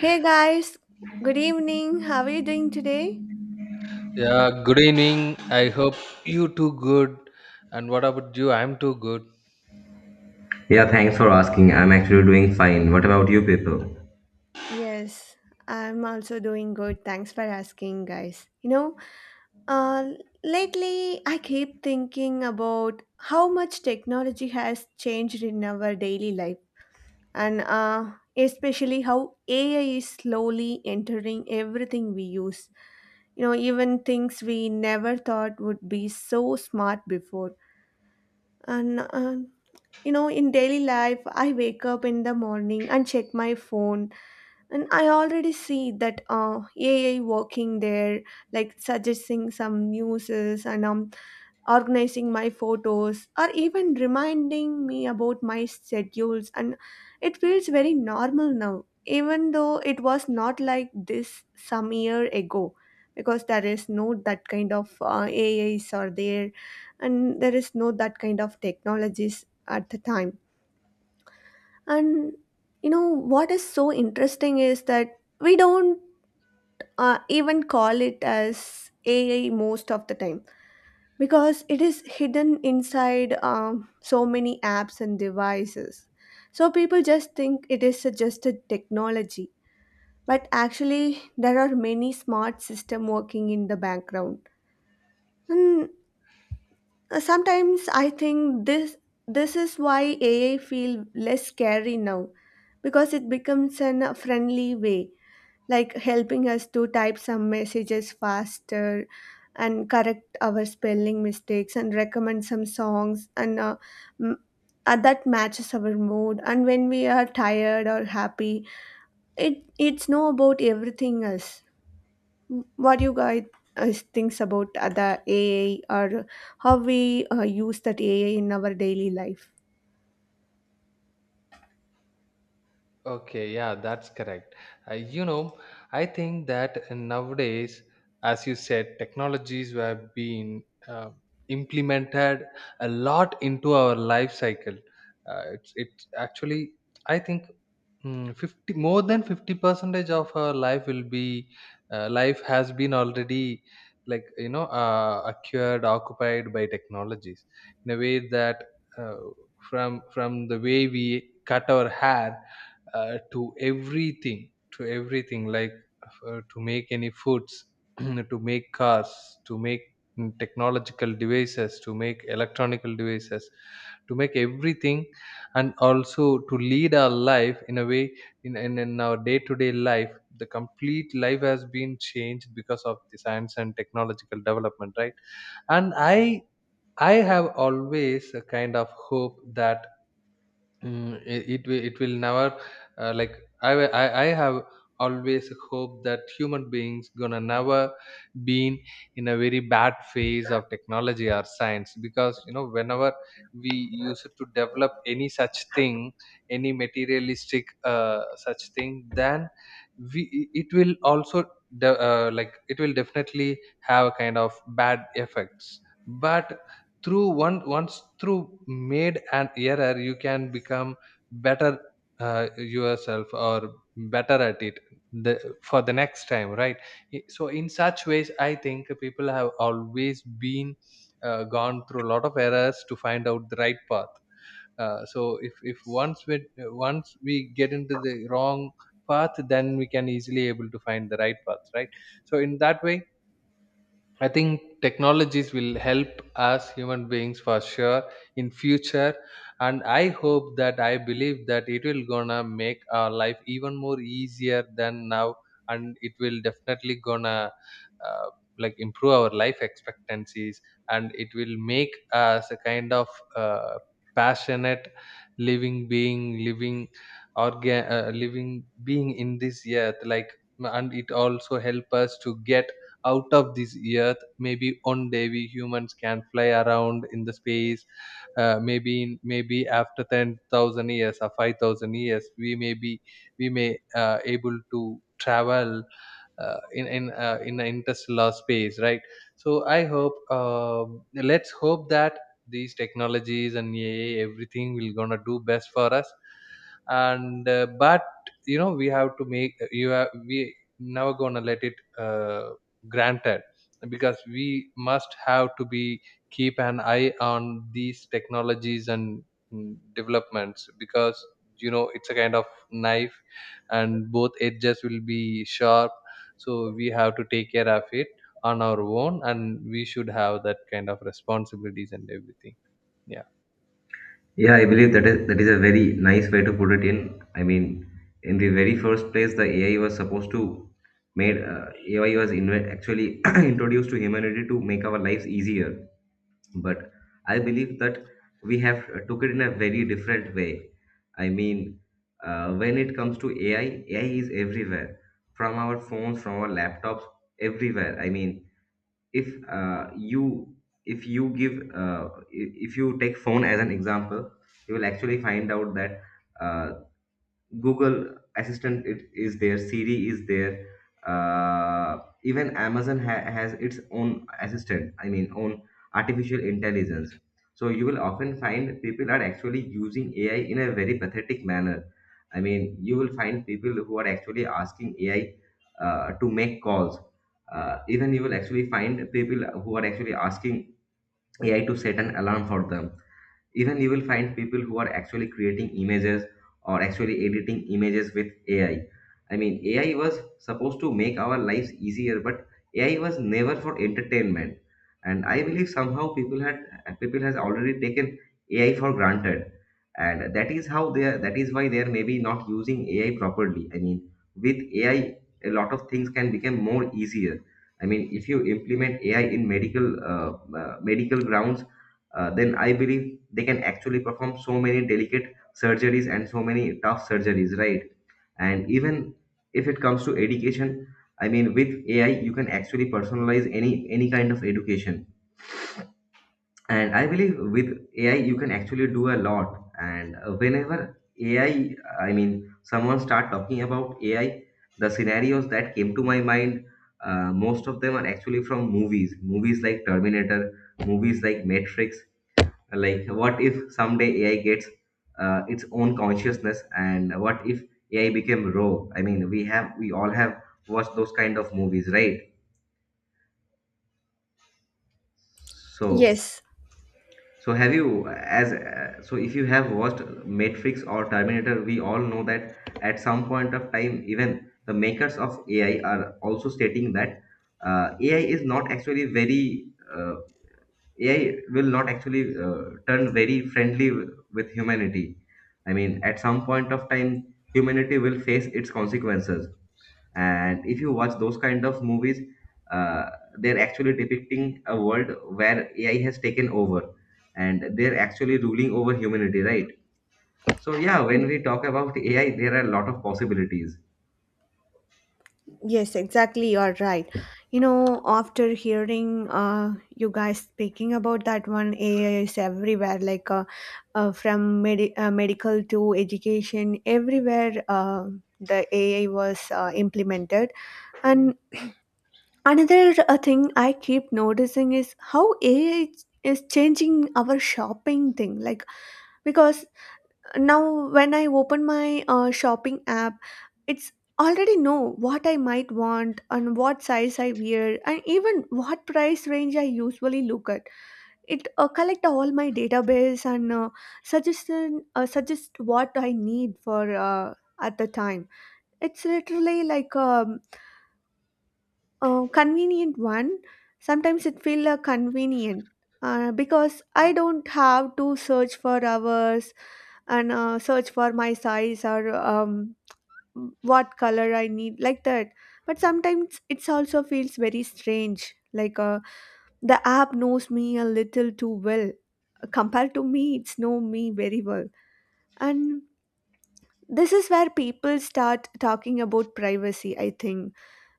Hey guys, good evening. How are you doing today? Yeah, good evening. I hope you too good. And what about you? I'm too good. Yeah, thanks for asking. I'm actually doing fine. What about you people? Yes, I'm also doing good. Thanks for asking, guys. You know, uh, lately I keep thinking about how much technology has changed in our daily life, and especially how AI is slowly entering everything we use. You know, even things we never thought would be so smart before. And You know, in daily life, I wake up in the morning and check my phone, and I already see that AI working there, like suggesting some news and organizing my photos, or even reminding me about my schedules. And it feels very normal now, even though it was not like this some year ago, because there is no that kind of AIs are there, and there is no that kind of technologies at the time. And you know what is so interesting is that we don't even call it as AI most of the time because it is hidden inside so many apps and devices. So people just think it is just a technology, but actually there are many smart system working in the background. And sometimes I think this is why AI feel less scary now because it becomes an a friendly way, like helping us to type some messages faster and correct our spelling mistakes and recommend some songs m- that matches our mood, and when we are tired or happy, it's know about everything else. What you guys thinks about the AI or how we use that AI in our daily life? Okay, yeah, that's correct. Uh, you know, I think that nowadays, as you said, technologies have been implemented a lot into our life cycle. It's actually, I think, fifty more than 50 percentage of our life will be life has been already acquired, occupied by technologies in a way that uh, from the way we cut our hair, to everything, to everything like to make any foods, to make cars, to make technological devices, to make electronical devices, to make everything, and also to lead our life in a way, in our day-to-day life. The complete life has been changed because of the science and technological development, right? And I have always a kind of hope that it will never, uh, like I, wa- I have always hope that human beings gonna never been in a very bad phase of technology or science. Because whenever we used to develop any such thing, any materialistic such thing, then it will also, it will definitely have a kind of bad effects. But through one once through made an error, you can become better, yourself, or better at it the, for the next time, right? So in such ways I think people have always been gone through a lot of errors to find out the right path. So if once we get into the wrong path, then we can easily able to find the right path, right? So in that way I think technologies will help us human beings for sure in future. And I hope, that I believe that it will gonna make our life even more easier than now. And it will definitely gonna uh, improve our life expectancies. And it will make us a kind of, uh, passionate living being living living being in this Earth, like. And it also help us to get out of this Earth. Maybe one day we humans can fly around in the space. Maybe maybe after 10,000 years or 5,000 years, we may able to travel in the interstellar space, right? So I hope let's hope that these technologies and AI, everything will gonna do best for us. And but we have to make you have we never gonna let it granted. Because we must have to be, keep an eye on these technologies and developments. Because it's a kind of knife, and both edges will be sharp, so we have to take care of it on our own, and we should have that kind of responsibilities and everything. Yeah. Yeah, I believe that is a very nice way to put it in. I mean, in the very first place, the AI was supposed to made AI was actually introduced to humanity to make our lives easier. But I believe that we have took it in a very different way. I mean, when it comes to AI, AI is everywhere, from our phones, from our laptops, everywhere. I mean, if uh, you if you give if you take phone as an example, you will actually find out that uh, Google assistant it is there, Siri is there, uh, even Amazon has its own assistant. I mean, own artificial intelligence. So you will often find people are actually using AI in a very pathetic manner. I mean, you will find people who are actually asking AI to make calls. Uh, even you will actually find people who are actually asking AI to set an alarm for them. Even you will find people who are actually creating images or actually editing images with AI. I mean, AI was supposed to make our lives easier, but AI was never for entertainment. And I believe somehow people has already taken AI for granted, and that is why they are maybe not using AI properly. I mean, with AI a lot of things can become more easier. I mean, if you implement AI in medical grounds, then I believe they can actually perform so many delicate surgeries and so many tough surgeries, right? And even if it comes to education, I mean, with AI you can actually personalize any kind of education. And I believe with AI you can actually do a lot. And whenever ai I mean someone start talking about AI, the scenarios that came to my mind, most of them are actually from movies, movies like Terminator, movies like Matrix, like what if someday AI gets its own consciousness, and what if AI became raw. I mean, we all have watched those kind of movies, right? So, Yes. so have you. As So if you have watched Matrix or Terminator, we all know that at some point of time even the makers of AI are also stating that uh, ai is not actually very uh, AI will not actually turn very friendly with humanity. I mean, at some point of time, humanity will face its consequences. And if you watch those kind of movies, uh, they're actually depicting a world where AI has taken over, and they're actually ruling over humanity, right? So, yeah, when we talk about AI, there are a lot of possibilities. Yes, exactly. You're right. You know, after hearing you guys speaking about that one, AI is everywhere, like medical to education, everywhere, the AI was implemented. And another thing I keep noticing is how AI is changing our shopping thing. Like, because now, when I open my shopping app, it's already know what I might want and what size I wear and even what price range I usually look at. It collect all my database and suggest what I need for at the time. It's literally like a convenient one. Sometimes it feel convenient because I don't have to search for hours and search for my size or what color I need, like that. But sometimes it also feels very strange. Like, the app knows me a little too well. Compared to me, it's know me very well. And this is where people start talking about privacy, I think,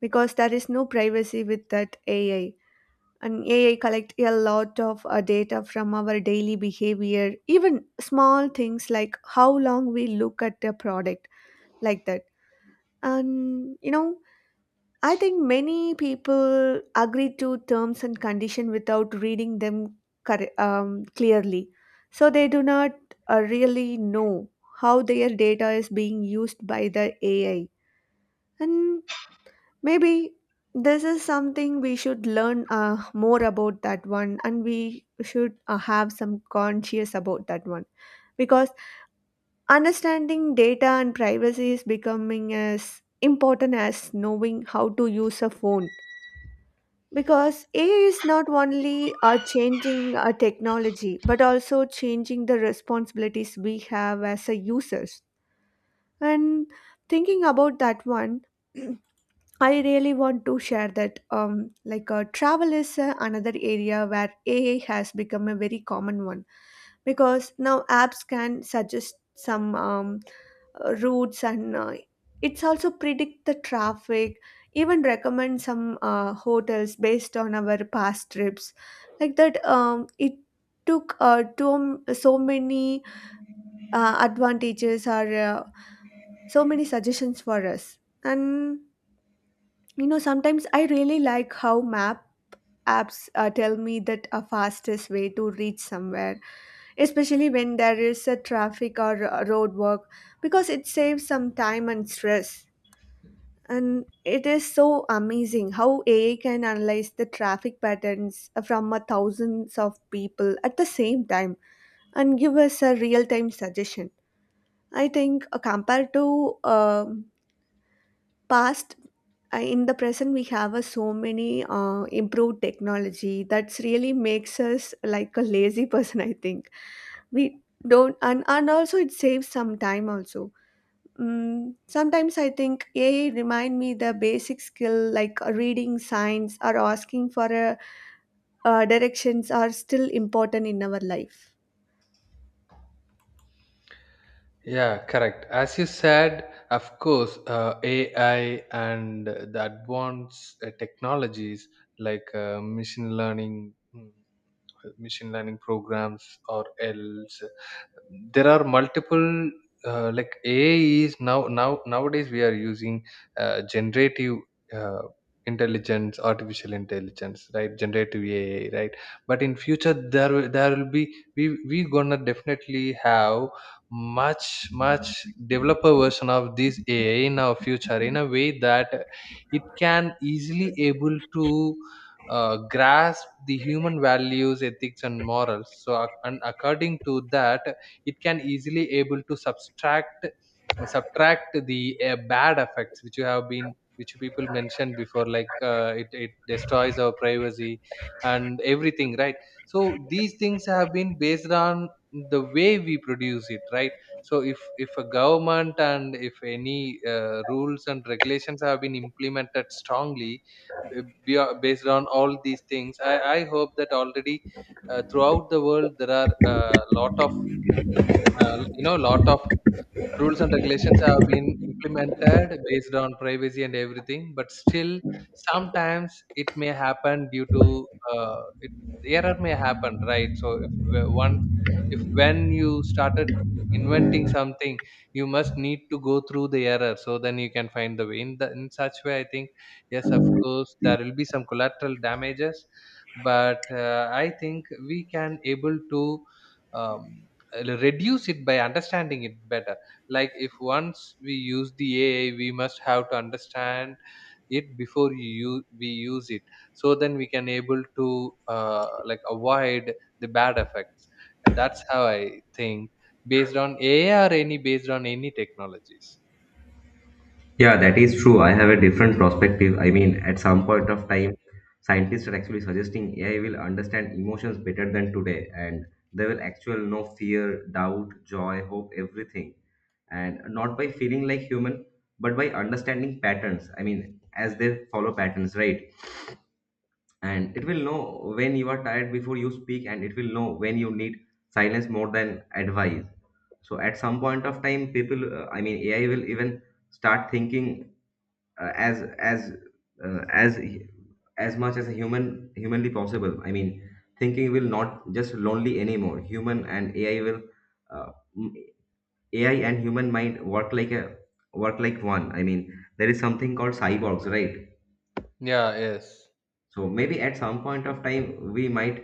because there is no privacy with that AI, and AI collect a lot of data from our daily behavior, even small things like how long we look at a product, like that. And you know, I think many people agree to terms and condition without reading them clearly, so they do not really know how their data is being used by the AI. And maybe this is something we should learn more about that one, and we should have some conscious about that one, because understanding data and privacy is becoming as important as knowing how to use a phone. Because AI is not only changing technology but also changing the responsibilities we have as a users. And thinking about that one, I really want to share that, like, travel is another area where AI has become a very common one, because now apps can suggest some routes, and it's also predict the traffic, even recommend some hotels based on our past trips. Like that, it took to, so many advantages or so many suggestions for us. And you know, sometimes I really like how map apps tell me that a fastest way to reach somewhere, especially when there is a traffic or a road work, because it saves some time and stress. And it is so amazing how AI can analyze the traffic patterns from a thousands of people at the same time and give us a real-time suggestion. I think compared to past, in the present we have a so many improved technology that's really makes us like a lazy person, I think. We don't and also it saves some time also. Sometimes I think AI remind me the basic skill, like reading signs or asking for a, directions are still important in our life. Yeah, correct. As you said, of course, AI and the advanced technologies, like machine learning, programs, or else. There are multiple, AI. Is now now Nowadays we are using generative, uh, intelligence, artificial intelligence, right? Generative AI, right? But in future, there will be, we gonna definitely have much much developer version of this AI in our future, in a way that it can easily able to grasp the human values, ethics and morals. So and according to that, it can easily able to subtract the bad effects, which you have been, which people mentioned before, like it destroys our privacy and everything, right? So these things have been based on the way we produce it, right? So if a government, and if any rules and regulations have been implemented strongly, based on all these things, I hope that already, throughout the world there are a lot of you know, lot of rules and regulations have been implemented based on privacy and everything. But still, sometimes it may happen due to, error may happen, right? So if we- once if when you started inventing something, you must need to go through the error, so then you can find the way, in such way, I think. Yes, of course there will be some collateral damages, but I think we can able to, um, reduce it by understanding it better. Like, if once we use the AI, we must have to understand it before we use it. So then we can able to avoid the bad effects. That's how I think, based on AI or any based on any technologies. Yeah, that is true. I have a different perspective. I mean, at some point of time, scientists are actually suggesting AI will understand emotions better than today, and they will actually know fear, doubt, joy, hope, everything, and not by feeling like human, but by understanding patterns. I mean, as they follow patterns, right? And it will know when you are tired before you speak, and it will know when you need silence more than advice. So, at some point of time, I mean, AI will even start thinking uh, as as uh, as as much as a humanly possible. I mean, thinking will not just lonely anymore. Human and AI will uh, m- AI and human mind work like one. I mean, there is something called cyborgs, right? Yeah. Yes. So maybe at some point of time we might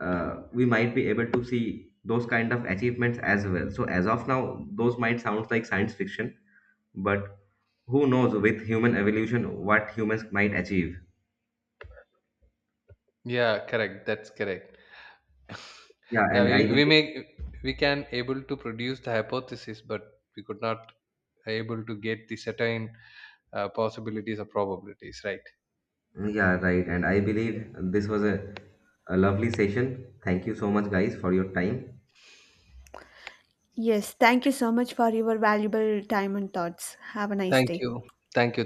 uh, we might be able to see those kind of achievements as well. So as of now, those might sound like science fiction, but who knows, with human evolution, what humans might achieve. Yeah, correct. That's correct. Yeah, Yeah, and I believe, we can able to produce the hypothesis, but we could not able to get the certain possibilities or probabilities, right? yeah, right. And I believe this was a lovely session. Thank you so much, guys, for your time. Yes, thank you so much for your valuable time and thoughts. Have a nice Thank day. you. Thank you.